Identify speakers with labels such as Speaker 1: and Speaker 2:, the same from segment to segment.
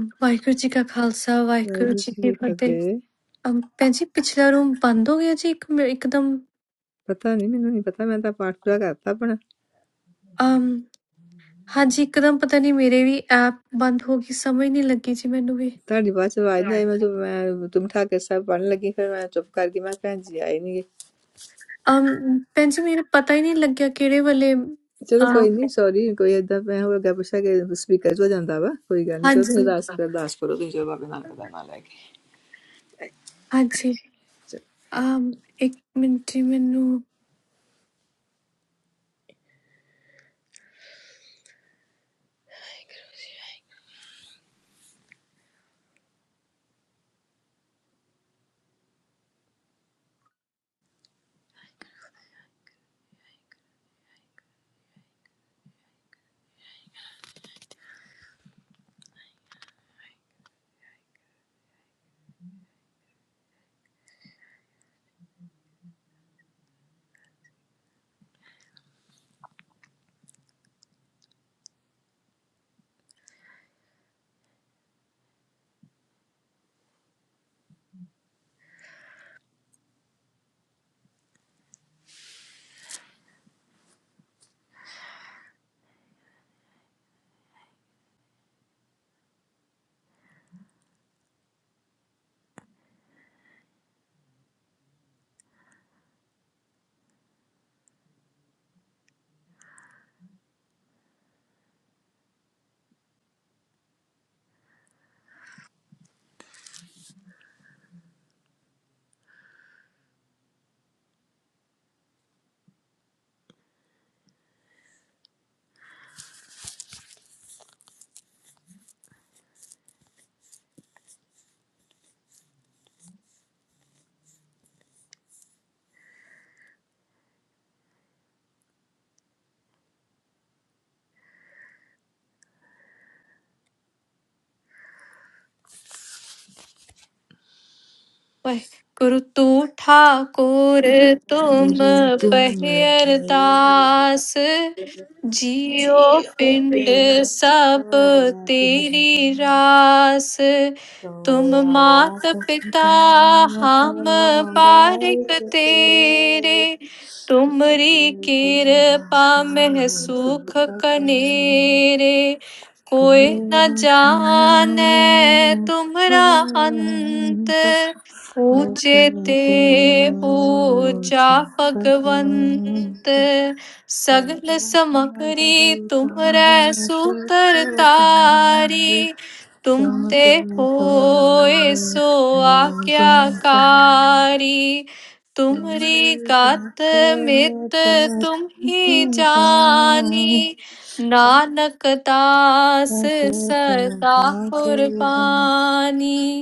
Speaker 1: ਵਾਹਿਗੁਰੂ ਜੀ ਕਾ ਖਾਲਸਾ ਵਾਹਿਗੁਰੂ
Speaker 2: ਵਾਹਿਗੁਰੂ
Speaker 1: ਜੀ
Speaker 2: ਜੀ
Speaker 1: ਕੀ
Speaker 2: ਕੀ
Speaker 1: ਫਤਿਹ
Speaker 2: ਫਤਿਹ
Speaker 1: ਅਮ, ਭੈਣ ਜੀ ਪਿਛਲਾ ਰੂਮ ਬੰਦ ਹੋ ਗਿਆ ਜੀ ਇੱਕ ਮਿੰ- ਇੱਕਦਮ
Speaker 2: ਪਤਾ ਨਹੀਂ ਮੈਨੂੰ ਨਹੀਂ ਪਤਾ ਮੈਂ ਤਾਂ ਪਾਠ ਪੂਰਾ ਕਰਤਾ ਆਪਣਾ
Speaker 1: ਅਮ ਹਾਂਜੀ ਇੱਕਦਮ ਪਤਾ ਨਹੀਂ ਮੇਰੇ ਵੀ ਐਪ ਬੰਦ ਹੋ ਗਈ ਸਮਝ ਨਹੀਂ ਲੱਗੀ ਜੀ ਮੈਨੂੰ ਵੀ
Speaker 2: ਤੁਹਾਡੀ ਬਾਅਦ ਚ ਆਵਾਜ਼ ਨਹੀਂ ਆਈ ਮੈਂ ਜੋ ਮੈਂ ਤੁਮ ਠਾਕੁਰ ਸਾਹਿਬ ਪੜਨ ਲੱਗੀ ਫਿਰ ਮੈਂ ਚੁੱਪ ਕਰ ਗਈ ਮੈਂ ਕਿਹਾ ਭੈਣ ਜੀ ਆਏ ਨਹੀਂ
Speaker 1: ਅਮ ਭੈਣ ਜੀ ਮੈਨੂੰ ਪਤਾ ਹੀ ਨਹੀਂ ਲੱਗਿਆ ਕਿਹੜੇ ਵਾਲੇ
Speaker 2: ਚਲੋ ਕੋਈ
Speaker 1: ਅਮ,
Speaker 2: ਨਹੀਂ ਸੌਰੀ ਕੋਈ ਏਦਾਂ ਮੈਂ ਹੋ ਗਿਆ ਪੁੱਛਿਆ ਕਿ ਸਪੀਕਰ ਚ ਹੋ ਜਾਂਦਾ ਵਾ ਕੋਈ ਗੱਲ ਨਹੀਂ ਚਲੋ ਤੁਸੀਂ
Speaker 1: ਹਾਂਜੀ
Speaker 2: ਅਰਦਾਸ ਕਰੋ ਅਰਦਾਸ ਕਰੋ ਤੁਸੀਂ ਚਲੋ ਬਾਬੇ ਨਾਨਕ ਦਾ ਨਾਮ ਲੈ ਕੇ
Speaker 1: ਹਾਂਜੀ
Speaker 2: ਚਲੋ।
Speaker 1: ਅਮ ਇੱਕ ਮਿੰਟ ਜੀ ਮੈਨੂੰ ਵਾਹਿਗੁਰੂ ਤੂੰ ਠਾਕੁਰ ਤੁਮ
Speaker 2: ਤੇਰੇ ਤੋਂ
Speaker 1: ਪਹਿ
Speaker 2: ਮੈਂ
Speaker 1: ਅਰਦਾਸ ਜੀਉ
Speaker 2: ਜੀਉ
Speaker 1: ਪਿੰਡ
Speaker 2: ਪਿੰਡ
Speaker 1: ਸਭ
Speaker 2: ਆਵਾਂ
Speaker 1: ਤੇਰੀ ਰਾਸ
Speaker 2: Thank
Speaker 1: ਤੁਮ ਮਾਤ ਪਿਤਾ ਹਮ ਪਾਰਿਕ ਤੇਰੇ ਤੁਮਰੀ ਕਿਰਪਾ ਮਹਿ ਸੁਖ ਕਨੇਰੇ कोई न जाने तुमरा अंत ਊਚੇ ਤੇ ਊਚਾ ਭਗਵੰਤ ਸਗਲ ਸਮਕਰੀ ਤੁਮਰੈ ਸੂਤਰ
Speaker 2: you.
Speaker 1: ਤਾਰੀ ਤੁਮ
Speaker 2: Takulah
Speaker 1: ਤੇ
Speaker 2: kita
Speaker 1: ਹੋਏ
Speaker 2: bersama,
Speaker 1: ਸੋ ਆਗਿਆਕਾਰੀ ਤੁਮਰੀ ਗਤ ਮਿਤ ਤੁਮ ਹੀ ਜਾਣੀ ਨਾਨਕ ਦਾਸ ਸਦਾ ਕੁਰਬਾਨੀ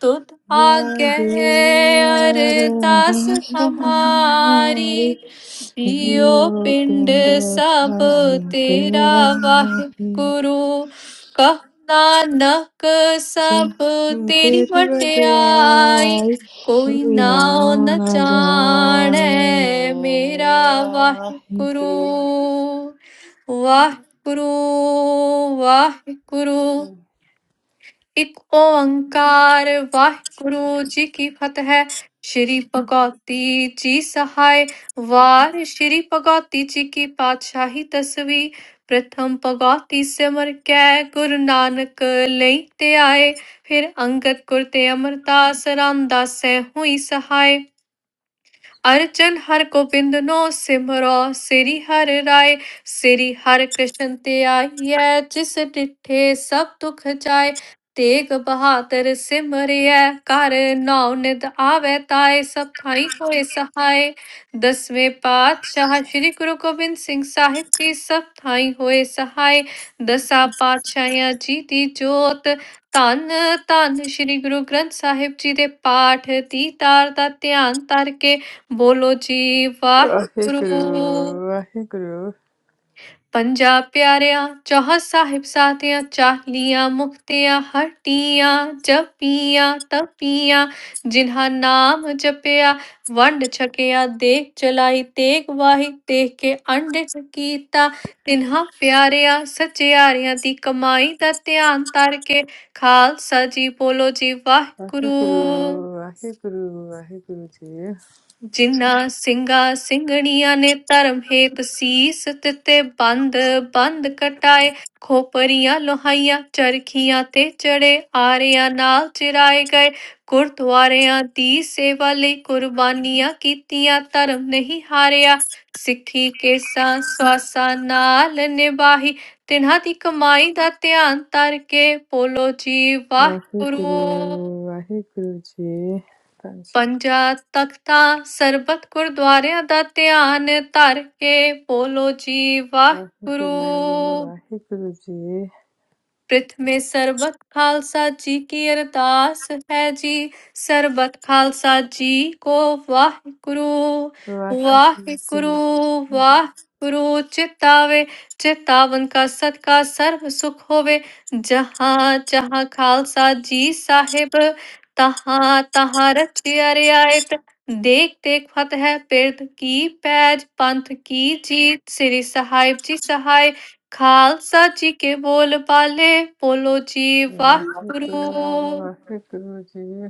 Speaker 1: तुत आज्ञा है अरदास हमारी जियो पिंड सब
Speaker 2: kita
Speaker 1: तेरा वाहे
Speaker 2: bersama.
Speaker 1: गुरु कह नानक सब तेरी
Speaker 2: ਤੇਰੀ
Speaker 1: बड़याई
Speaker 2: ਵਡਿਆਈ
Speaker 1: कोई
Speaker 2: ਕੋਈ
Speaker 1: ना
Speaker 2: ਨਾ
Speaker 1: न
Speaker 2: ਨਾ
Speaker 1: जाने
Speaker 2: ਜਾਣੇ
Speaker 1: मेरा
Speaker 2: ਮੇਰਾ
Speaker 1: वाहे
Speaker 2: ਵਾਹਿਗੁਰੂ
Speaker 1: गुरु वाहे गुरु वाहे गुरु ਇੱਕ ਓੰਕਾਰ ਵਾਹਿਗੁਰੂ ਜੀ ਕੀ ਫਤਿਹ ਸ਼੍ਰੀ ਭਗਉਤੀ ਜੀ ਸਹਾਇ ਵਾਰ ਸ਼੍ਰੀ ਭਗਉਤੀ ਜੀ ਕੀ ਪਾਤਸ਼ਾਹੀ ਤਸਵੀ ਪ੍ਰਥਮ ਭਗਉਤੀ ਸਿਮਰ ਕੈ ਗੁਰੂ ਨਾਨਕ ਲਈ ਤੇ ਆਏ ਫਿਰ ਅੰਗਦ ਗੁਰ ਤੇ ਅਮਰਦਾਸ ਰਾਮਦਾਸੈ ਹੋਈ ਸਹਾਇ अर्चन हर गोविंद नो सिमरो सिरि हर राय सिरि हर कृष्ण ते आइयै जिस डिठे सब दुख जाय तेग बहादुर सिमरियै कर नाउ निद आवे ताय सब थाई होए सहाय दसवें पातशाह श्री गुरु गोबिंद सिंह साहिब जी सब थाई होए सहाय ਦਸਾਂ ਪਾਤਸ਼ਾਹਾਂ ਜੀ ਦੀ ਜੋਤ ਧੰਨ ਧੰਨ ਸ੍ਰੀ ਗੁਰੂ ਗ੍ਰੰਥ ਸਾਹਿਬ ਜੀ ਦੇ ਪਾਠ ਦੀ ਤਾਰ ਦਾ ਧਿਆਨ ਧਰ ਕੇ ਬੋਲੋ ਜੀ ਵਾਹਿਗੁਰੂ
Speaker 2: ਵਾਹਿਗੁਰੂ ਵਾਹਿਗੁਰੂ
Speaker 1: ਪੰਜਾ ਪਿਆਰਿਆਂ ਚੌਹ ਸਾਹਿਬ ਸਾਧਿਆਂ ਚਾਲੀਆਂ ਮੁਕਤਿਆਂ ਹਟੀਆਂ ਜਪੀਆਂ ਤਪੀਆਂ ਜਿਨ੍ਹਾਂ ਨਾਮ ਜਪਿਆ ਵੰਡ ਛਕਿਆ ਦੇਖ ਚਲਾਈ ਤੇਗ ਵਾਹੀ ਦੇਖ ਕੇ ਅੰਡੇ ਕੀਤਾ ਤਿਨ੍ਹਾਂ ਪਿਆਰਿਆਂ ਸਚਿਆਰਿਆਂ ਦੀ ਕਮਾਈ ਦਾ ਧਿਆਨ ਧਰ ਕੇ ਖਾਲਸਾ ਜੀ ਬੋਲੋ ਜੀ ਵਾਹਿਗੁਰੂ
Speaker 2: ਵਾਹਿਗੁਰੂ ਵਾਹਿਗੁਰੂ ਵਾਹਿਗੁਰੂ ਜੀ
Speaker 1: ਜਿਨ੍ਹਾਂ ਸਿੰਘਾਂ ਸਿੰਘਣੀਆਂ ਨੇ ਧਰਮ ਹੇਤ ਸੀਸ ਦਿੱਤੇ ਬੰਦ ਬੰਦ ਕਟਾਏ ਖੋਪਰੀਆਂ ਲੋਹਾਈਆਂ ਚਰਖੀਆਂ ਤੇ ਚੜੇ ਆਰਿਆਂ ਨਾਲ ਚਿਰਾਏ ਗਏ ਗੁਰਦੁਆਰਿਆਂ ਦੀ ਸੇਵਾ ਲਈ ਕੁਰਬਾਨੀਆਂ ਕੀਤੀਆਂ ਧਰਮ ਨਹੀਂ ਹਾਰਿਆ ਸਿੱਖੀ ਕੇਸਾਂ ਸਵਾਸਾਂ ਨਾਲ ਨਿਭਾਹੀ ਤਿਨ੍ਹਾਂ ਦੀ ਕਮਾਈ ਦਾ ਧਿਆਨ ਧਰ ਕੇ ਬੋਲੋ ਜੀ
Speaker 2: ਵਾਹਿਗੁਰੂ
Speaker 1: ਵਾਹਿਗੁਰੂ
Speaker 2: ਵਾਹਿਗੁਰੂ ਜੀ ਪੰਜ
Speaker 1: ਪੰਜਾ ਤਖਤਾ ਸਰਬਤ ਗੁਰਦੁਆਰਿਆਂ ਦਾ ਧਿਆਨ ਧਰ ਕੇ ਬੋਲੋ ਜੀ
Speaker 2: ਵਾਹਿਗੁਰੂ
Speaker 1: ਵਾਹਿਗੁਰੂ
Speaker 2: ਵਾਹਿਗੁਰੂ ਜੀ
Speaker 1: पृथ्वी में सर्वत्र खालसा जी की आर्द्रता सहजी सर्वत्र खालसा जी को वह करो
Speaker 2: ਵਾਹਿਗੁਰੂ
Speaker 1: वह करो वह करो चितावे चितावन का सत्कार सर्व सुख होवे जहाँ जहाँ खालसा जी साहिब तहाँ तहार चियारे आए देख देख फतह पृथ्वी पैज पंथ की जी सिरिसहाइब जी सहाइ ਖਾਲਸਾ ਜੀ ਕੇ ਬੋਲ ਬਾਲੇ ਬੋਲੋ ਜੀ ਵਾਹਿਗੁਰੂ
Speaker 2: ਵਾਹਿਗੁਰੂ ਵਾਹਿਗੁਰੂ ਜੀ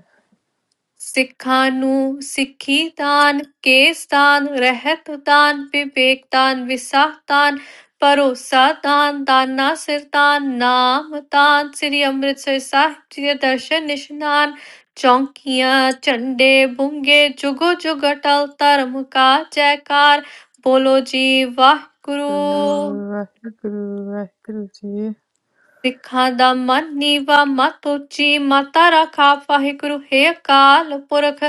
Speaker 1: ਸਿੱਖਾਂ ਨੂੰ ਸਿੱਖੀ ਦਾਨ ਕੇਸ ਦਾਨ ਰਹਿਤ ਦਾਨ ਵਿਵੇਕ ਦਾਨ ਵਿਸਾਖ ਦਾਨ ਭਰੋਸਾ ਦਾਨ ਦਾਨਾ ਸਿਰ ਦਾਨ ਨਾਮ ਦਾਨ ਸ੍ਰੀ ਅੰਮ੍ਰਿਤਸਰ ਸਾਹਿਬ ਜੀ ਦੇ ਦਰਸ਼ਨ ਨਿਸ਼ਨਾਨ ਚੌਂਕੀਆਂ ਝੰਡੇ ਬੁੰਗੇ ਜੁਗੋ ਜੁਗ ਅਟਲ ਧਰਮ ਕਾ ਜੈਕਾਰ ਬੋਲੋ ਜੀ ਵਾਹਿਗੁਰੂ
Speaker 2: ਵਾਹਿਗੁਰੂ ਵਾਹਿਗੁਰੂ ਜੀ
Speaker 1: ਸਿੱਖਾਂ ਦਾ ਮਨ ਨੀਵਾ ਮਤ ਉੱਚੀ ਮਾਤਾ ਰਾਖਾ ਵਾਹਿਗੁਰੂ ਹੈ ਅਕਾਲ ਪੁਰਖ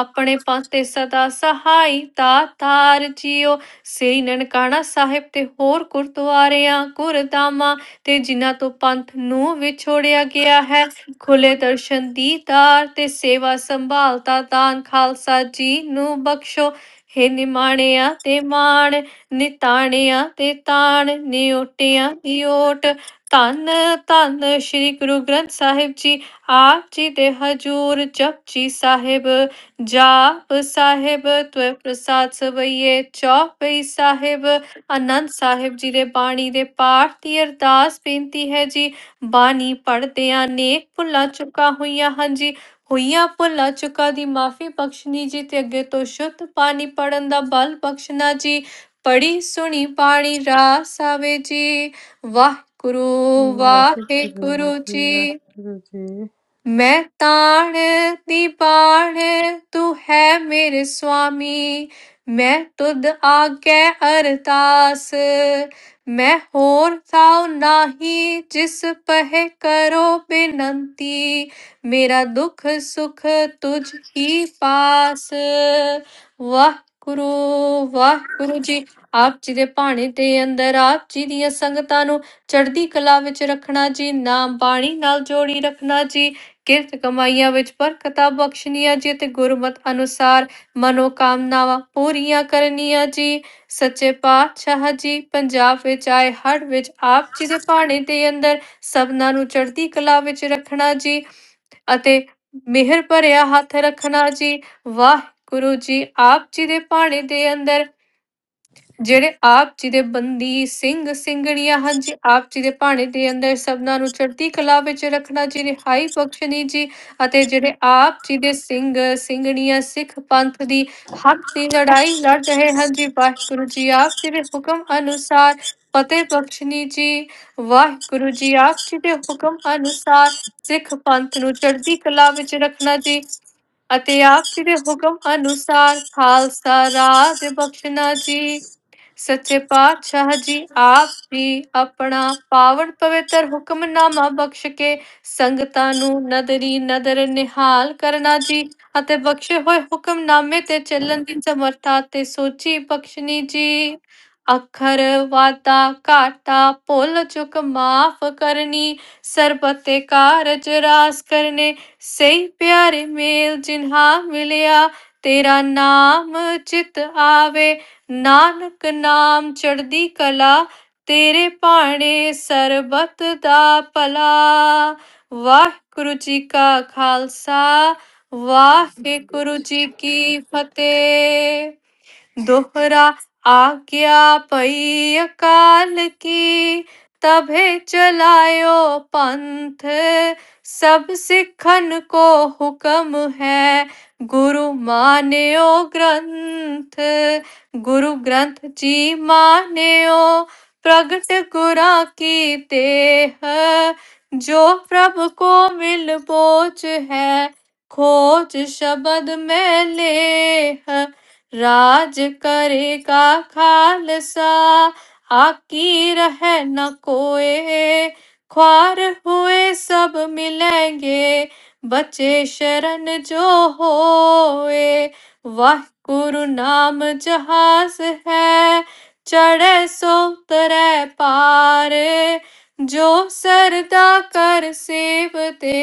Speaker 1: ਆਪਣੇ ਪਾਸੇ ਸਦਾ ਸਹਾਈ ਤਾਤਾਰ ਜੀਓ ਸ੍ਰੀ ਨਨਕਾਣਾ ਸਾਹਿਬ ਤੇ ਹੋਰ ਗੁਰਦੁਆਰਿਆਂ ਗੁਰਦਾਮਾਂ ਤੇ ਜਿਨ੍ਹਾਂ ਤੋਂ ਪੰਥ ਨੂੰ ਵਿਛੋੜਿਆ ਗਿਆ ਹੈ ਖੁੱਲੇ ਦਰਸ਼ਨ ਦੀਦਾਰ ਤੇ ਸੇਵਾ ਸੰਭਾਲ ਦਾ ਦਾਨ ਖਾਲਸਾ ਜੀ ਨੂੰ ਬਖਸ਼ੋ ਹੇ ਨਿਮਾਣਿਆ ਤੇ ਮਾਣ ਨਿਤਾਣਿਆ ਤੇ ਤਾਣ ਨਿਓਟਿਆ ਦੀ ਓਟ ਧੰਨ ਧੰਨ ਸ੍ਰੀ ਗੁਰੂ ਗ੍ਰੰਥ ਸਾਹਿਬ ਜੀ ਆਪ ਜੀ ਦੇ ਹਜੂਰ ਜਪਜੀ ਸਾਹਿਬ ਜਾਪ ਸਾਹਿਬ ਤੁਏ ਪ੍ਰਸਾਦ ਸਵਈਏ ਚੌਪਈ ਸਾਹਿਬ ਆਨੰਦ ਸਾਹਿਬ ਜੀ ਦੇ ਬਾਣੀ ਦੇ ਪਾਠ ਦੀ ਅਰਦਾਸ ਬੇਨਤੀ ਹੈ ਜੀ ਬਾਣੀ ਪੜ੍ਹਦਿਆਂ ਨੇਕ ਭੁੱਲਾਂ ਚੁੱਕਾ ਹੋਈਆਂ ਹਨ ਜੀ ਹੋਈਆਂ ਭੁੱਲਾਂ ਚੁੱਕਾਂ ਦੀ ਮਾਫੀ ਬਖਸ਼ਣੀ ਜੀ ਤੇ ਅੱਗੇ ਤੋਂ ਸ਼ੁੱਧ ਪਾਣੀ ਪੜਨ ਦਾ ਬਲ ਬਖਸ਼ਣਾ ਜੀ ਪੜੀ ਸੁਣੀ ਬਾਣੀ ਰਾਸ ਆਵੇ ਜੀ ਵਾਹਿਗੁਰੂ
Speaker 2: ਵਾਹਿਗੁਰੂ
Speaker 1: ਵਾਹਿਗੁਰੂ
Speaker 2: ਜੀ
Speaker 1: ਜੀ
Speaker 2: ਵਾਹਿਗੁਰੂ ਜੀ
Speaker 1: ਮੈਂ ਤਾਣ ਦੀ ਬਾਣ ਤੂੰ ਹੈ ਮੇਰੇ ਸੁਆਮੀ ਮੈਂ ਤੁਧ ਆਗੇ ਅਰਦਾਸ ਮੈਂ ਹੋਰ ਥਾਉ ਨਾਹੀ ਜਿਸ ਪਹਿ ਕਰੋ ਬੇਨੰਤੀ ਮੇਰਾ ਦੁੱਖ ਸੁਖ ਤੁਝ ਹੀ ਪਾਸ ਵਾਹ ਗੁਰੂ ਵਾਹ ਗੁਰੂ ਜੀ ਆਪ ਜੀ ਦੇ ਭਾਣੇ ਦੇ ਅੰਦਰ ਆਪ ਜੀ ਦੀਆਂ ਸੰਗਤਾਂ ਨੂੰ ਚੜ੍ਹਦੀ ਕਲਾ ਵਿੱਚ ਰੱਖਣਾ ਜੀ ਨਾਮ ਬਾਣੀ ਨਾਲ ਜੋੜੀ ਰੱਖਣਾ ਜੀ ਕਿਰਤ ਕਮਾਈਆਂ ਵਿੱਚ ਬਰਕਤਾਂ ਬਖਸ਼ਣੀਆਂ ਜੀ ਤੇ ਗੁਰਮਤ ਅਨੁਸਾਰ ਮਨੋਕਾਮਨਾਵਾਂ ਪੂਰੀਆਂ ਕਰਨੀਆਂ ਜੀ ਸੱਚੇ ਪਾਤਸ਼ਾਹ ਜੀ ਪੰਜਾਬ ਵਿੱਚ ਆਏ ਹੜ ਵਿੱਚ ਆਪ ਜੀ ਦੇ ਭਾਣੇ ਦੇ ਅੰਦਰ ਸਭਨਾਂ ਨੂੰ ਚੜ੍ਹਦੀ ਕਲਾ ਵਿੱਚ ਰੱਖਣਾ ਜੀ ਅਤੇ ਮਿਹਰ ਭਰਿਆ ਹੱਥ ਰੱਖਣਾ ਜੀ ਵਾਹਿਗੁਰੂ ਜੀ ਆਪ ਜੀ ਦੇ ਭਾਣੇ ਦੇ ਅੰਦਰ ਜਿਹੜੇ ਆਪ ਜੀ ਦੇ ਬੰਦੀ ਸਿੰਘ ਸਿੰਘਣੀਆਂ ਹਨ ਜੀ ਆਪ ਜੀ ਦੇ ਭਾਣੇ ਦੇ ਅੰਦਰ ਸਭਨਾਂ ਨੂੰ ਚੜ੍ਹਦੀ ਕਲਾ ਵਿੱਚ ਰੱਖਣਾ ਜੀ ਰਿਹਾਈ ਬਖਸ਼ਣੀ ਜੀ ਅਤੇ ਜਿਹੜੇ ਆਪ ਜੀ ਦੇ ਸਿੰਘ ਸਿੰਘਣੀਆਂ ਸਿੱਖ ਪੰਥ ਦੀ ਹੱਕ ਦੀ ਲੜਾਈ ਲੜ ਰਹੇ ਹਨ ਜੀ ਵਾਹਿਗੁਰੂ ਜੀ ਆਪ ਜੀ ਦੇ ਹੁਕਮ ਅਨੁਸਾਰ ਫਤਿਹ ਬਖਸ਼ਣੀ ਜੀ ਵਾਹਿਗੁਰੂ ਜੀ ਆਪ ਜੀ ਦੇ ਹੁਕਮ ਅਨੁਸਾਰ ਸਿੱਖ ਪੰਥ ਨੂੰ ਚੜ੍ਹਦੀ ਕਲਾ ਵਿੱਚ ਰੱਖਣਾ ਜੀ ਅਤੇ ਆਪ ਜੀ ਦੇ ਹੁਕਮ ਅਨੁਸਾਰ ਖਾਲਸਾ ਰਾਜ ਬਖਸ਼ਣਾ ਜੀ ਸੱਚੇ ਪਾਤਸ਼ਾਹ ਜੀ ਆਪ ਹੀ ਆਪਣਾ ਪਾਵਨ ਪਵਿੱਤਰ ਹੁਕਮਨਾਮਾ ਬਖਸ਼ ਕੇ ਸੰਗਤਾਂ ਨੂੰ ਨਦਰੀ ਨਦਰ ਨਿਹਾਲ ਕਰਨਾ ਜੀ ਅਤੇ ਬਖਸ਼ੇ ਹੋਏ ਹੁਕਮਨਾਮੇ ਤੇ ਚੱਲਣ ਦੀ ਸਮਰੱਥਾ ਤੇ ਸੋਚੀ ਬਖਸ਼ਣੀ ਜੀ ਅਖਰ ਵਾਤਾ ਘਾਟਾ ਭੁੱਲ ਚੁੱਕ ਮਾਫ ਕਰਨੀ ਸਰਬਤੇ ਕਾਰਜ ਰਾਸ ਕਰਨੇ ਸਹੀ ਪਿਆਰੇ ਮੇਲ ਜਿਨ੍ਹਾਂ ਮਿਲਿਆ ਤੇਰਾ ਨਾਮ ਚਿਤ ਆਵੇ ਨਾਨਕ ਨਾਮ ਚੜ੍ਹਦੀ ਕਲਾ ਤੇਰੇ ਭਾਣੇ ਸਰਬਤ ਦਾ ਭਲਾ ਵਾਹਿਗੁਰੂ ਜੀ ਕਾ ਖਾਲਸਾ ਵਾਹਿਗੁਰੂ ਜੀ ਕੀ ਫਤਿਹ दोहरा आज्ञा पई अकाल की तभे चलायो पंथ सब सिखन को हुक्म है गुरु मान्यो ग्रंथ गुरु ग्रंथ जी मान्यो प्रगट गुरा की देह जो प्रभु को मिल बोझ है खोज शब्द में लेह ਰਾਜ ਕਰੇਗਾ ਖਾਲਸਾ ਆਕੀ ਰਹਿ ਨ ਕੋਏ ख्वार हुए सब मिलेंगे बचे शरण जो होए वाहगुरु नाम जहाज है चढ़े सो तरे पार जो सरदा कर सेवते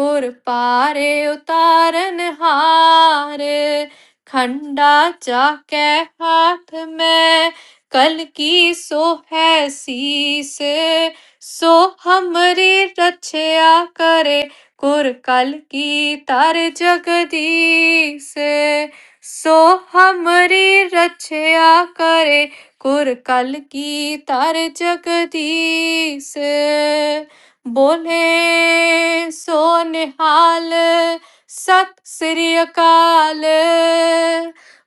Speaker 1: कुर पारे उतारन हार खंडा जाके हाथ में कल की सो है शीस सो हमरी रक्षा करे कुर कल की तार जगदीश सो हमरी रक्षा करे कुर कल की तार जगदीश बोले सो निहाल ਸਤਿ ਸ੍ਰੀ ਅਕਾਲ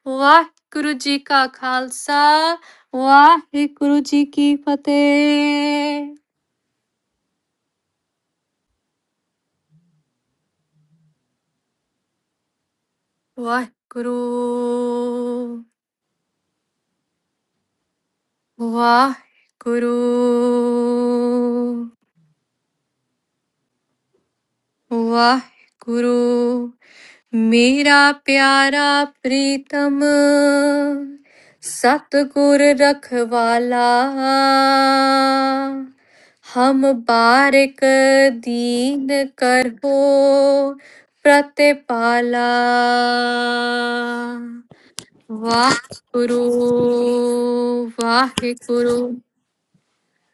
Speaker 1: ਵਾਹਿਗੁਰੂ ਜੀ ਕਾ ਖਾਲਸਾ ਵਾਹਿਗੁਰੂ ਜੀ ਕੀ ਫਤਿਹ ਵਾਹਿਗੁਰੂ ਵਾਹਿਗੁਰੂ ਵਾਹਿਗੁਰੂ ਮੇਰਾ ਪਿਆਰਾ ਪ੍ਰੀਤਮ ਸਤਿਗੁਰ ਰਖਵਾਲਾ ਹਮ ਬਾਰਿਕ ਦੀਨ ਕਰਹੋ ਪ੍ਰਤਿਪਾਲਾ ਵਾਹਿਗੁਰੂ ਵਾਹਿਗੁਰੂ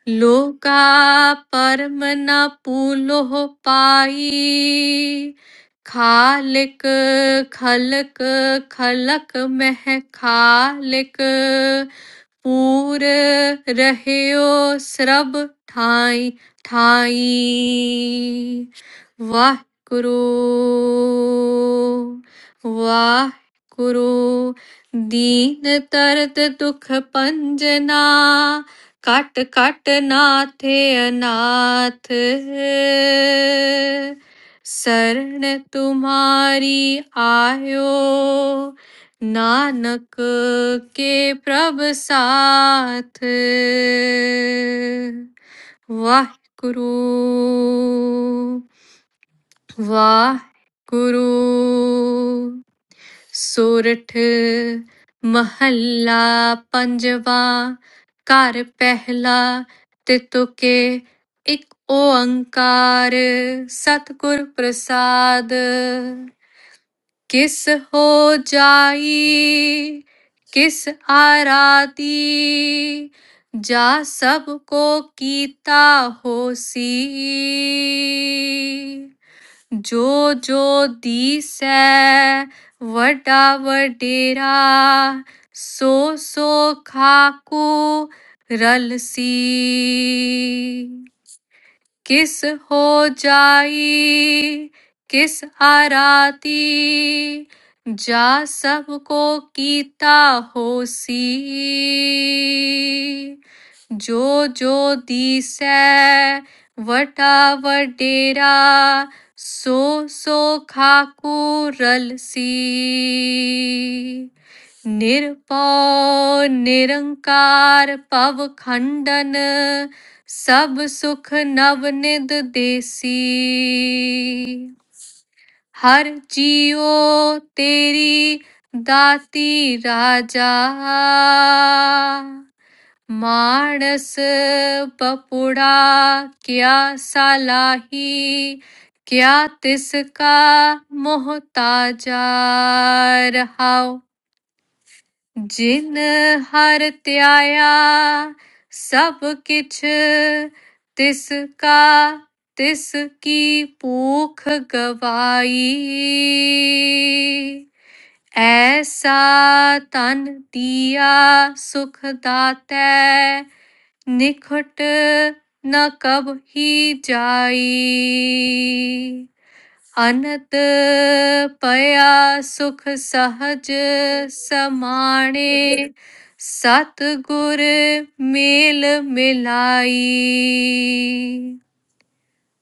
Speaker 1: ਲੋਕਾ ਪਰਮ ਨ ਪੂਲੋ ਪਾਈ ਖਾਲਿਕ ਖਲਕ ਖਲਕ ਮਹਿ ਖਾਲਿਕ ਪੂਰ ਰਹਿਓ ਸਰਬ ਠਾਈ ਠਾਈ ਵਾਹਿਗੁਰੂ ਵਾਹਿਗੁਰੂ ਦੀਨ ਤਰਤ ਦੁਖ ਪੰਜਨਾ ਕਟ ਕਟ ਨਾਥੇ ਅਨਾਥ ਸਰਣ ਤੁਮਾਰੀ ਆਇਓ ਨਾਨਕ ਕੇ ਪ੍ਰਭ ਸਾਥ ਵਾਹਿਗੁਰੂ ਵਾਹਿਗੁਰੂ ਸੋਰਠ ਮਹੱਲਾ ਪੰਜਵਾ ਘਰ ਪਹਿਲਾ ਤਿਤੁਕੇ ਇੱਕ ਓੰਕਾਰ ਸਤਿਗੁਰ ਪ੍ਰਸਾਦ ਕਿਸ ਹੋ ਜਾਈ ਕਿਸ ਆਰਾਤੀ ਜਾ ਸਭ ਕੋ ਕੀਤਾ ਹੋਸੀ ਜੋ ਜੋ ਦੀਸੈ ਵੱਡਾ ਵਡੇਰਾ ਸੋ ਸੋ ਖਾਕੂ ਰਲਸੀ किस हो जाई किस आराती जा सबको कीता होसी जो जो दिसै वटा वडेरा सो सो खाकू रलसी ਨਿਰਭਉ ਨਿਰੰਕਾਰ ਭਵ ਖੰਡਨ ਸਭ ਸੁਖ ਨਵ ਨਿਦ ਦੇਸੀ ਹਰ ਜੀਉ ਤੇਰੀ ਦਾਤੀ ਰਾਜਾ ਮਾਨਸ ਪਪੁੜਾ ਕਿਆ ਸਲਾਹੀ ਕਿਆ ਤਿਸ ਕਾ ਮੁਹਤਾਜਾ ਰਹਾਉ ਜਿਨ ਹਰ ਧਿਆਇਆ ਸਭ ਕਿਛ ਤਿਸ ਕਾ ਤਿਸ ਕੀ ਭੂਖ ਗਵਾਈ ਐਸਾ ਤਨ ਦੀਆ ਸੁਖ ਦਾਤੈ ਨਿਖਟ ਨ ਕਬ ਹੀ ਜਾਈ ਅਨਤ ਪਿਆ ਸੁਖ ਸਹਜ ਸਮਾਣੇ ਸਤ ਗੁਰ ਮੇਲ ਮਿਲਾਈ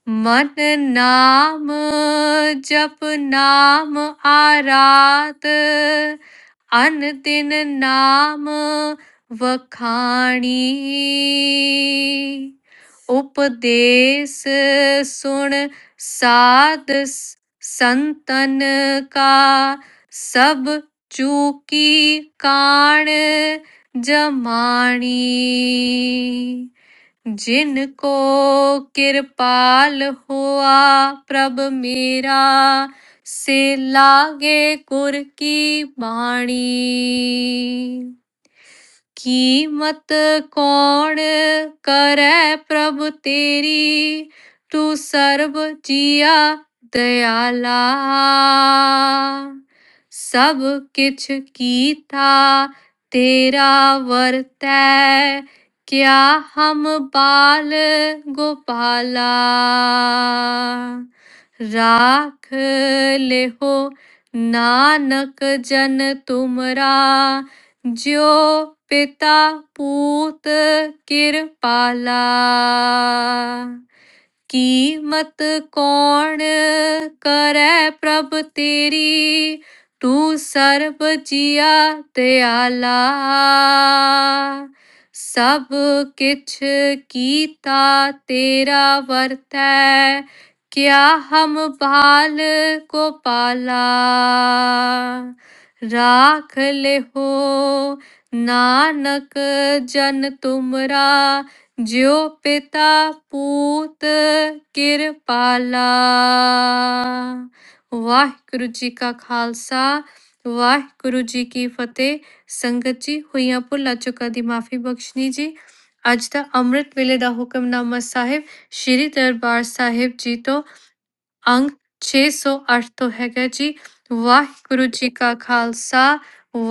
Speaker 1: ਮਨ ਨਾਮ ਜਪ ਨਾਮ ਆਰਾਤ ਅਨ ਦਿਨ ਨਾਮ ਵਖਾਣੀ ਉਪਦੇਸ ਸੁਣ ਸਾਧ ਸ- ਸੰਤਨ ਕਾ ਸਭ ਚੂਕੀ ਕਾਣ ਜਮਾਣੀ जिन को कृपाल हुआ प्रभ मेरा से लागे गुर की बाणी ਕੀਮਤ ਕੌਣ ਕਰੈ ਪ੍ਰਭ ਤੇਰੀ ਤੂੰ ਸਰਬ ਜੀਆ ਦਇਆਲਾ ਸਭ ਕਿਛ ਕੀਤਾ ਤੇਰਾ ਵਰਤੈ ਕਿਆ ਹਮ ਬਾਲ ਗੋਪਾਲਾ ਰਾਖ ਲਿਹੋ ਨਾਨਕ ਜਨ ਤੁਮਰਾ ਜਿਉ ਪਿਤਾ ਪੂਤ ਕਿਰਪਾਲਾ ਕੀਮਤ ਕੌਣ ਕਰੈ ਪ੍ਰਭ ਤੇਰੀ ਤੂੰ ਸਰਬ ਜੀਆ ਦਿਆਲਾ ਸਭ ਕਿਛ ਕੀਤਾ ਤੇਰਾ ਵਰਤੈ ਕਿਆ ਹਮ ਬਾਲ ਕੋ ਪਾਲਾ ਰਾਖ ਲਿਹੋ ਨਾਨਕ ਜਨ ਤੁਮਰਾ ਜਿਉ ਪਿਤਾ ਪੂਤ ਕਿਰਪਾਲਾ ਵਾਹਿਗੁਰੂ ਜੀ ਕਾ ਖਾਲਸਾ ਵਾਹਿਗੁਰੂ ਜੀ ਕੀ ਫਤਿਹ ਸੰਗਤ ਜੀ ਹੋਈਆਂ ਭੁੱਲਾਂ ਚੁੱਕਾਂ ਦੀ ਮਾਫੀ ਬਖਸ਼ਣੀ ਜੀ ਅੱਜ ਦਾ ਅੰਮ੍ਰਿਤ ਵੇਲੇ ਦਾ ਹੁਕਮਨਾਮਾ ਸਾਹਿਬ ਸ੍ਰੀ ਦਰਬਾਰ ਸਾਹਿਬ ਜੀ ਤੋਂ ਅੰਗ 608 ਤੋਂ ਹੈਗਾ ਜੀ ਵਾਹਿਗੁਰੂ ਜੀ ਕਾ ਖਾਲਸਾ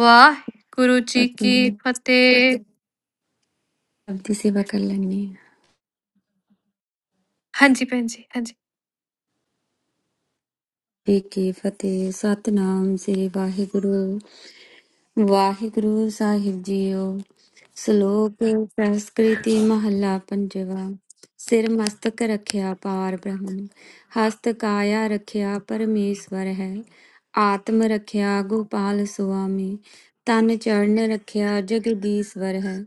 Speaker 1: ਵਾਹਿਗੁਰੂ ਜੀ ਕੀ
Speaker 3: ਪਤਨੀ
Speaker 1: ਫਤਿਹ
Speaker 3: ਸਭ ਦੀ ਸੇਵਾ ਕਰ ਲੈਣੀ ਹੈ
Speaker 1: ਹਾਂਜੀ ਭੈਣ ਜੀ ਹਾਂਜੀ
Speaker 3: ਠੀਕ ਹੈ ਫਤਿਹ ਸਤਨਾਮ ਸ੍ਰੀ ਵਾਹਿਗੁਰੂ ਵਾਹਿਗੁਰੂ ਸਾਹਿਬ ਜੀਓ ਸ਼ਲੋਕ ਸੰਸਕ੍ਰਿਤੀ ਮਹੱਲਾ ਪੰਜਵਾ ਸਿਰ ਮਸਤਕ ਰਖਿਆ ਪਾਰ ਬ੍ਰਹਮ ਹਸਤ ਕਾਇਆ ਰਖਿਆ ਪਰਮੇਸ਼ਵਰ ਹੈ ਆਤਮ ਰਖਿਆ ਗੋਪਾਲ ਸੁਆਮੀ ਤਨ ਚਰਨ ਰਖਿਆ ਜਗਦੀਸ਼ਵਰ ਹੈ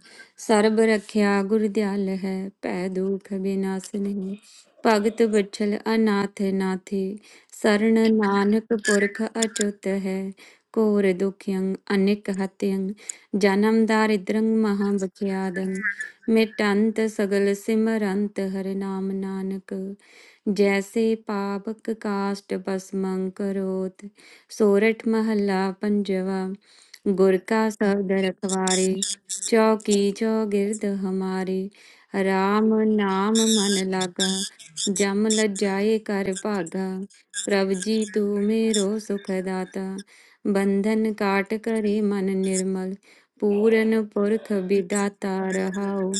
Speaker 3: ਸਰਬ ਰਖਿਆ ਗੁਰਦਿਆਲ ਹੈ ਭੈ ਦੁਖ ਬਿਨਾਸਨਿ ਭਗਤ ਬਚਲ ਅਨਾਥ ਨਾਥੇ ਸਰਣ ਨਾਨਕ ਪੁਰਖ ਅਚੁਤ ਹੈ ਘੋਰ ਦੁਖਿਅੰ ਅਨਿਕ ਹਤਿਅੰ ਜਨਮ ਦਾਰਿਦ੍ਰੰ ਮਹਾ ਬਖਿਆਦੰ ਮਿਟੰਤ ਸਗਲ ਸਿਮਰੰਤ ਹਰਿ ਨਾਮ ਨਾਨਕ ਜੈਸੇ ਪਾਪਕ ਕਾਸ਼ਟ ਬਸਮੰ ਕਰੋਤ ਸੋਰਠ ਮਹੱਲਾ ਪੰਜਵਾ ਗੁਰ ਕਾ ਸ਼ਬਦ ਰਖਵਾਰੇ ਚੌਕੀ ਚੌਗਿਰਦ ਹਮਾਰੇ RAM ਨਾਮ ਮਨ ਲਾਗਾ ਜਮ ਲਜਾਏ ਕਰ ਭਾਗਾ ਪ੍ਰਭ ਜੀ ਤੂੰ ਮੇਰੋ ਸੁਖ ਦਾਤਾ ਬੰਧਨ ਕਾਟ ਕਰੇ ਮਨ ਨਿਰਮਲ ਪੂਰਨ ਪੁਰਖ ਵਿਦਾਤਾ ਰਹਾਉ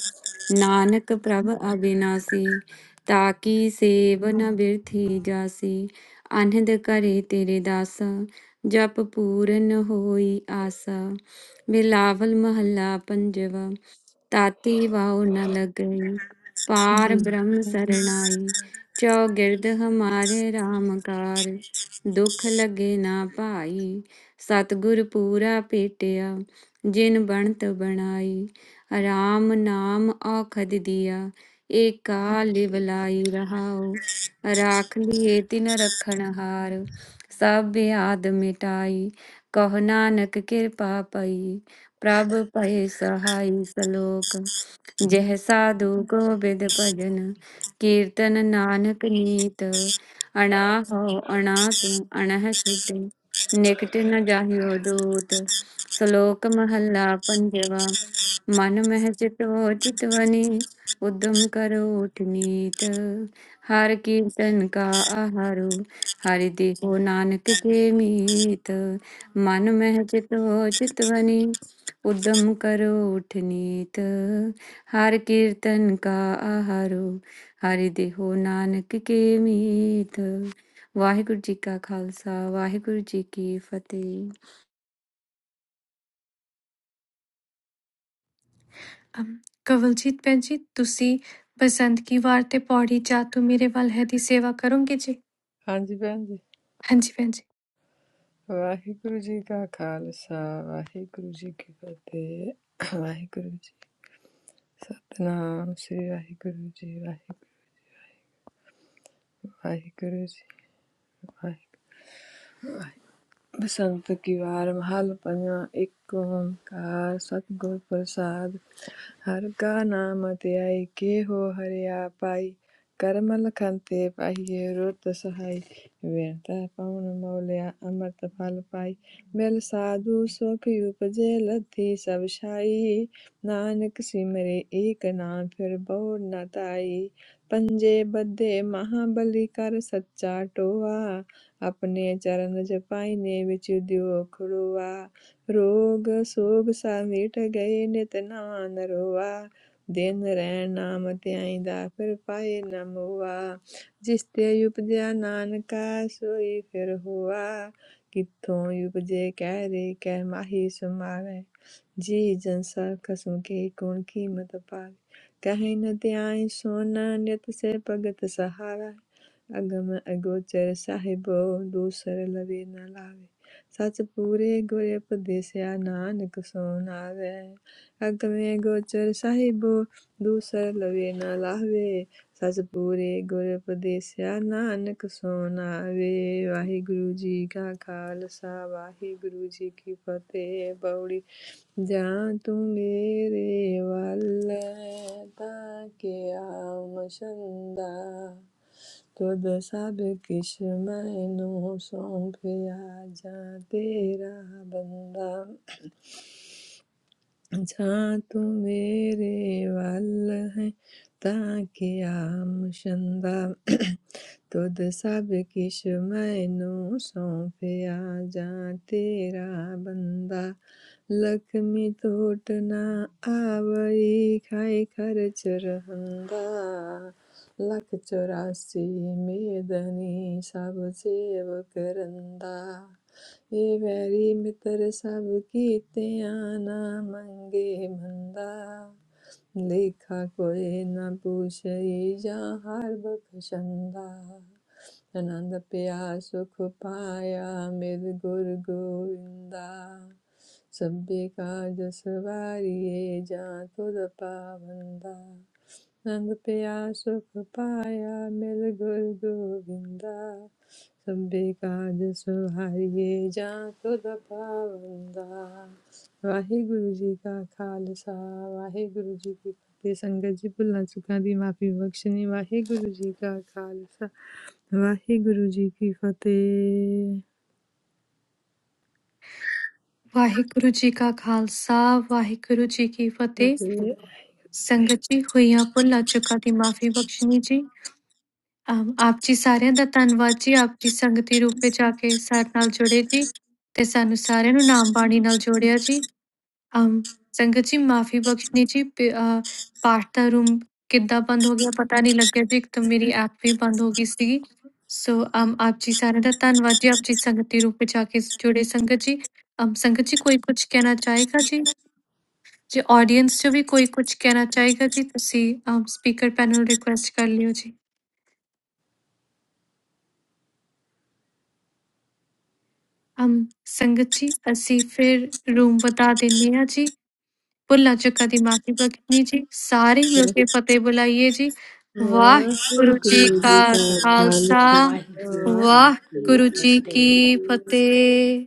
Speaker 3: ਨਾਨਕ ਪ੍ਰਭ ਅਬਿਨਾਸੀ ਤਾਕੀ ਸੇਵ ਨ ਬਿਰਥੀ ਜਾਸੀ ਅਨਹਦ ਕਰੇ ਤੇਰੇ ਦਾਸਾ ਜਪ ਪੂਰਨ ਹੋਈ ਆਸਾ ਬਿਲਾਵਲ ਮਹੱਲਾ ਪੰਜਵਾ ਤਾਤੀ ਵਾਉ ਨ ਲਗਈ ਪਾਰ ਬ੍ਰਹਮ ਸਰਣਾਈ ਚੌਗਿਰਦ ਹਮਾਰੇ RAM ਕਾਰ ਦੁਖ ਲਗੇ ਨਾ ਭਾਈ ਸਤਿਗੁਰ ਪੂਰਾ ਭੇਟਿਆ ਜਿਨ ਬਣਤ ਬਣਾਈ RAM ਨਾਮ ਔਖਦ ਦਿਆ ਏ ਕਾਲ ਬਲਾਈ ਰਹਾਉ ਰਾਖ ਲਿਏ ਤਿਨ ਰਖਣ ਹਾਰ ਸਭ ਆਦ ਮਿਟਾਈ ਕਹੁ ਨਾਨਕ ਕਿਰਪਾ ਪਈ ਪ੍ਰਭ ਪਏ ਸਹਾਈ ਸਲੋਕ ਜਹ ਸਾਧੂ ਗੋਬਿੰਦ ਭਜਨ ਕੀਰਤਨ ਨਾਨਕ ਨੀਤ ਅਣਾ ਹੋ ਅਣਾ ਤੂੰ ਅਣਹ ਛੁਟੇ ਨਿਕਟ ਨ ਜਾਹਿਓ ਦੂਤ ਸ਼ਲੋਕ ਮਹੱਲਾ ਪੰਜਵਾ ਮਨ ਮਹਿ ਚਿਤੋ ਚਿਤਵਨੀ ਉਦਮ ਕਰੋ ਉਠਨੀਤ ਹਰ ਕੀਰਤਨ ਕਾ ਆਹਾਰੂ ਹਰਿ ਦੇਹੋ ਨਾਨਕ ਕੇ ਮੀਤ ਮਨ ਮਹਿ ਚਿਤੋ ਚਿਤਵਨੀ ਉਦਮ ਕਰੋ ਉਠਨੀਤ ਹਰ ਕੀਰਤਨ ਕਾ ਆਹਾਰੋ ਹਰਿ ਦੇਹੋ ਨਾਨਕ ਕੇ ਮੀਤ ਵਾਹਿਗੁਰੂ ਜੀ ਕਾ ਖਾਲਸਾ ਵਾਹਿਗੁਰੂ ਜੀ ਕੀ ਫਤਿਹ
Speaker 1: ਅਮ, ਕਵਲਜੀਤ ਭੈਣ ਜੀ ਤੁਸੀਂ ਬਸੰਤ ਕੀ ਵਾਰ ਤੇ ਪੌੜੀ ਜਾ ਤੂੰ ਮੇਰੇ ਵੱਲ ਹੈ ਦੀ ਸੇਵਾ ਕਰੋਗੇ ਜੀ
Speaker 2: ਹਾਂਜੀ ਭੈਣ ਜੀ
Speaker 1: ਹਾਂਜੀ ਭੈਣ ਜੀ
Speaker 2: ਵਾਹਿਗੁਰੂ ਜੀ ਕਾ ਖਾਲਸਾ ਵਾਹਿਗੁਰੂ ਜੀ ਕੀ ਫਤਿਹ ਵਾਹਿਗੁਰੂ ਜੀ ਸਤਨਾਮ ਸ੍ਰੀ ਵਾਹਿਗੁਰੂ ਜੀ ਵਾਹਿਗੁਰੂ ਵਾਹਿਗੁਰੂ ਜੀ ਵਾਹਿਗੁਰੂ। ਬਸੰਤ ਤਿਉਹਾਰ ਮਹੱਲ ਪੰਜਵਾਂ ਇੱਕ ਓੰਕਾਰ ਸਤਿਗੁਰ ਪ੍ਰਸਾਦ ਹਰਿ ਕਾ ਨਾਮ ਧਿਆਈ ਕੇਹੋ ਹਰਿਆ ਪਾਈ ਕਰਮ ਲਖੰਤੇ ਪਾਈਏ ਰੁੱਤ ਸਹਾਈ ਵਿਰਤਾ ਪਵਨ ਮੌਲਿਆ ਅੰਮ੍ਰਿਤ ਫਲ ਪਾਈ ਮਿਲ ਸਾਧੂ ਸੁਖ ਉਪਜੇ ਲੱਥੀ ਸਭ ਛਾਈ ਨਾਨਕ ਸਿਮਰੇ ਏਕ ਨਾਮ ਫਿਰ ਬਹੁ ਨਾ ਤਾਈ ਪੰਜੇ ਬੱਧੇ ਮਹਾਬਲੀ ਕਰ ਸੱਚਾ ਟੋਆ अपने चरण जपाइने विचुदियो खड़ुआ रोग सोग सा मिट गए नित नवा नरोआ दिन रैन नाम ਧਿਆਈ ਦਾ ਫਿਰ ਪਾਏ ਨਾ ਮੁਆ ਜਿਸ ਤੇ ਉਪਜਿਆ ਨਾਨਕਾ ਸੋਈ ਫਿਰ ਹੁਆ ਕਿੱਥੋਂ ਉਪਜੇ ਕਹਿ ਰੇ ਕਹਿ ਮਾਹੀ ਸਮਾਵੇ ਜੀ ਜਨ ਸਾ ਖਸਮ ਕੇ ਕੌਣ ਕੀਮਤ ਪਾਵੇ ਕਹਿ ਨ ਧਿਆਈ ਸੋਨਾ ਨਿਤ ਸੇ ਭਗਤ ਸਹਾਰਾ ਅਗਮ ਅਗੋਚਰ ਸਾਹਿਬੋ ਦੂਸਰ ਲਵੇ ਨਾ ਲਾਵੇ ਸੱਚ ਪੂਰੇ ਗੁਰੇ ਉਪਦੇਸਿਆ ਨਾਨਕ ਸੋ ਨਾਵੇ ਅਗਮੇ ਗੋਚਰ ਸਾਹਿਬੋ ਦੂਸਰ ਲਵੇ ਨਾ ਲਾਵੇ ਸੱਚ ਪੂਰੇ ਗੁਰ ਉਪਦੇਸਿਆ ਨਾਨਕ ਸੋ ਨਾਵੇ ਵਾਹਿਗੁਰੂ ਜੀ ਕਾ ਖਾਲਸਾ ਵਾਹਿਗੁਰੂ ਜੀ ਕੀ ਫਤਿਹ ਬਉੜੀ ਜਾਂ ਤੂੰ ਮੇਰੇ ਵੱਲ ਤਾਂ ਕਿ ਆਮ ਸ਼ੰਦਾ ਤੁਧ ਸਭ ਕਿਛ ਮੈਂ ਨੂੰ ਸੌਂਪਿਆ ਜਾ ਤੇਰਾ ਬੰਦਾ जहाँ तू मेरे वल है ताकि आम शंदा तुद सब किश मैनू सौंपया जा तेरा बंदा लखमी टूट ना आवई खाई खर्च रहंदा लख चौरासी मेदनी सब सेव करंदा हे वैरी मित्र सब कीते आना मंगे मंदा लेखा कोई न पूछई जा हर बखशंदा आनंद प्या सुख पाया मेरे गुर गोविंदा सभ्य काज सवारिये जा तुर पावंदा ਰੰਗ ਪਿਆ ਸੁਖ ਪਾਇਆ ਮਿਲ ਗੁਰ ਗੋਬਿੰਦਾ ਸਭੇ ਕਾਜ ਸੁਹਾਈਏ ਜਾਂ ਖੁਦ ਪਾਵੰਦਾ ਵਾਹਿਗੁਰੂ ਜੀ ਕਾ ਖਾਲਸਾ ਵਾਹਿਗੁਰੂ ਜੀ ਕੀ ਫਤਿਹ ਸੰਗਤ ਜੀ ਭੁੱਲਾਂ ਚੁੱਕਾਂ ਦੀ ਮਾਫੀ ਬਖਸ਼ਣੀ ਵਾਹਿਗੁਰੂ ਜੀ ਕਾ ਖਾਲਸਾ ਵਾਹਿਗੁਰੂ ਜੀ ਕੀ ਫਤਿਹ
Speaker 1: ਵਾਹਿਗੁਰੂ ਜੀ ਕਾ ਖਾਲਸਾ ਵਾਹਿਗੁਰੂ ਜੀ ਕੀ ਫਤਿਹ
Speaker 2: ਫਤਿਹ
Speaker 1: ਸੰਗਤ ਜੀ ਹੋਈਆਂ ਭੁੱਲਾਂ ਚੁੱਕਾਂ ਦੀ ਮਾਫੀ ਬਖਸ਼ਣੀ ਜੀ ਅਮ, ਆਪ ਜੀ ਸਾਰਿਆਂ ਦਾ ਧੰਨਵਾਦ ਜੀ ਆਪ ਜੀ ਸੰਗਤੀ ਰੂਪ ਵਿੱਚ ਆ ਕੇ ਸਾਡੇ ਨਾਲ ਜੁੜੇ ਜੀ ਤੇ ਸਾਨੂੰ ਸਾਰਿਆਂ ਨੂੰ ਨਾਮ ਬਾਣੀ ਨਾਲ ਜੋੜਿਆ ਜੀ अम, संगत जी माफी बख्शनी जी पे- अ, पाठ ਦਾ ਰੂਮ ਕਿੱਦਾਂ ਬੰਦ ਹੋ ਗਿਆ ਪਤਾ ਨਹੀਂ ਲੱਗਿਆ ਜੀ ਇੱਕਦਮ ਮੇਰੀ ਐਪ ਵੀ ਬੰਦ ਹੋ ਗਈ ਸੀ ਸੋ ਅਮ ਆਪ ਜੀ ਸਾਰਿਆਂ ਦਾ ਧੰਨਵਾਦ ਜੀ ਆਪ ਜੀ ਸੰਗਤ ਦੇ ਰੂਪ ਵਿੱਚ ਆ ਕੇ ਜੁੜੇ ਸੰਗਤ ਜੀ ਅਮ ਸੰਗਤ ਜੀ ਕੋਈ ਕੁਝ ਕਹਿਣਾ ਚਾਹੇਗਾ ਜੀ ਜੇ ਆਡੀਅנס ਚੋਂ ਵੀ ਕੋਈ ਕੁਝ ਕਹਿਣਾ ਚਾਹੇਗਾ ਜੀ ਤੁਸੀਂ ਅਮ ਸਪੀਕਰ ਪੈਨਲ ਰਿਕੁਐਸਟ ਕਰ ਲਿਓ ਜੀ ਅਮ ਸੰਗਤ ਜੀ ਅਸੀਂ ਫਿਰ ਰੂਮ ਵਧਾ ਦਿੰਨੇ ਆ ਜੀ ਭੁੱਲਾਂ ਚੁੱਕਾਂ ਦੀ ਮਾਫੀ ਬਖਸ਼ਣੀ ਜੀ ਸਾਰੇ ਮਿਲ ਕੇ ਫਤਿਹ ਬੁਲਾਈਏ ਜੀ ਵਾਹਿਗੁਰੂ ਜੀ
Speaker 2: ਵਾਹਿਗੁਰੂ
Speaker 4: Call
Speaker 2: ਜੀ
Speaker 1: ਕਾ
Speaker 2: ਕਾ
Speaker 4: the
Speaker 1: Khalsa
Speaker 2: Khalsa
Speaker 4: wild
Speaker 2: Waheguru
Speaker 4: gurji ki
Speaker 1: Waheguru ਜੀ
Speaker 4: fate.
Speaker 1: ਕੀ
Speaker 2: ਜੀ ਕੀ ਫਤਿਹ
Speaker 1: ਫਤਿਹ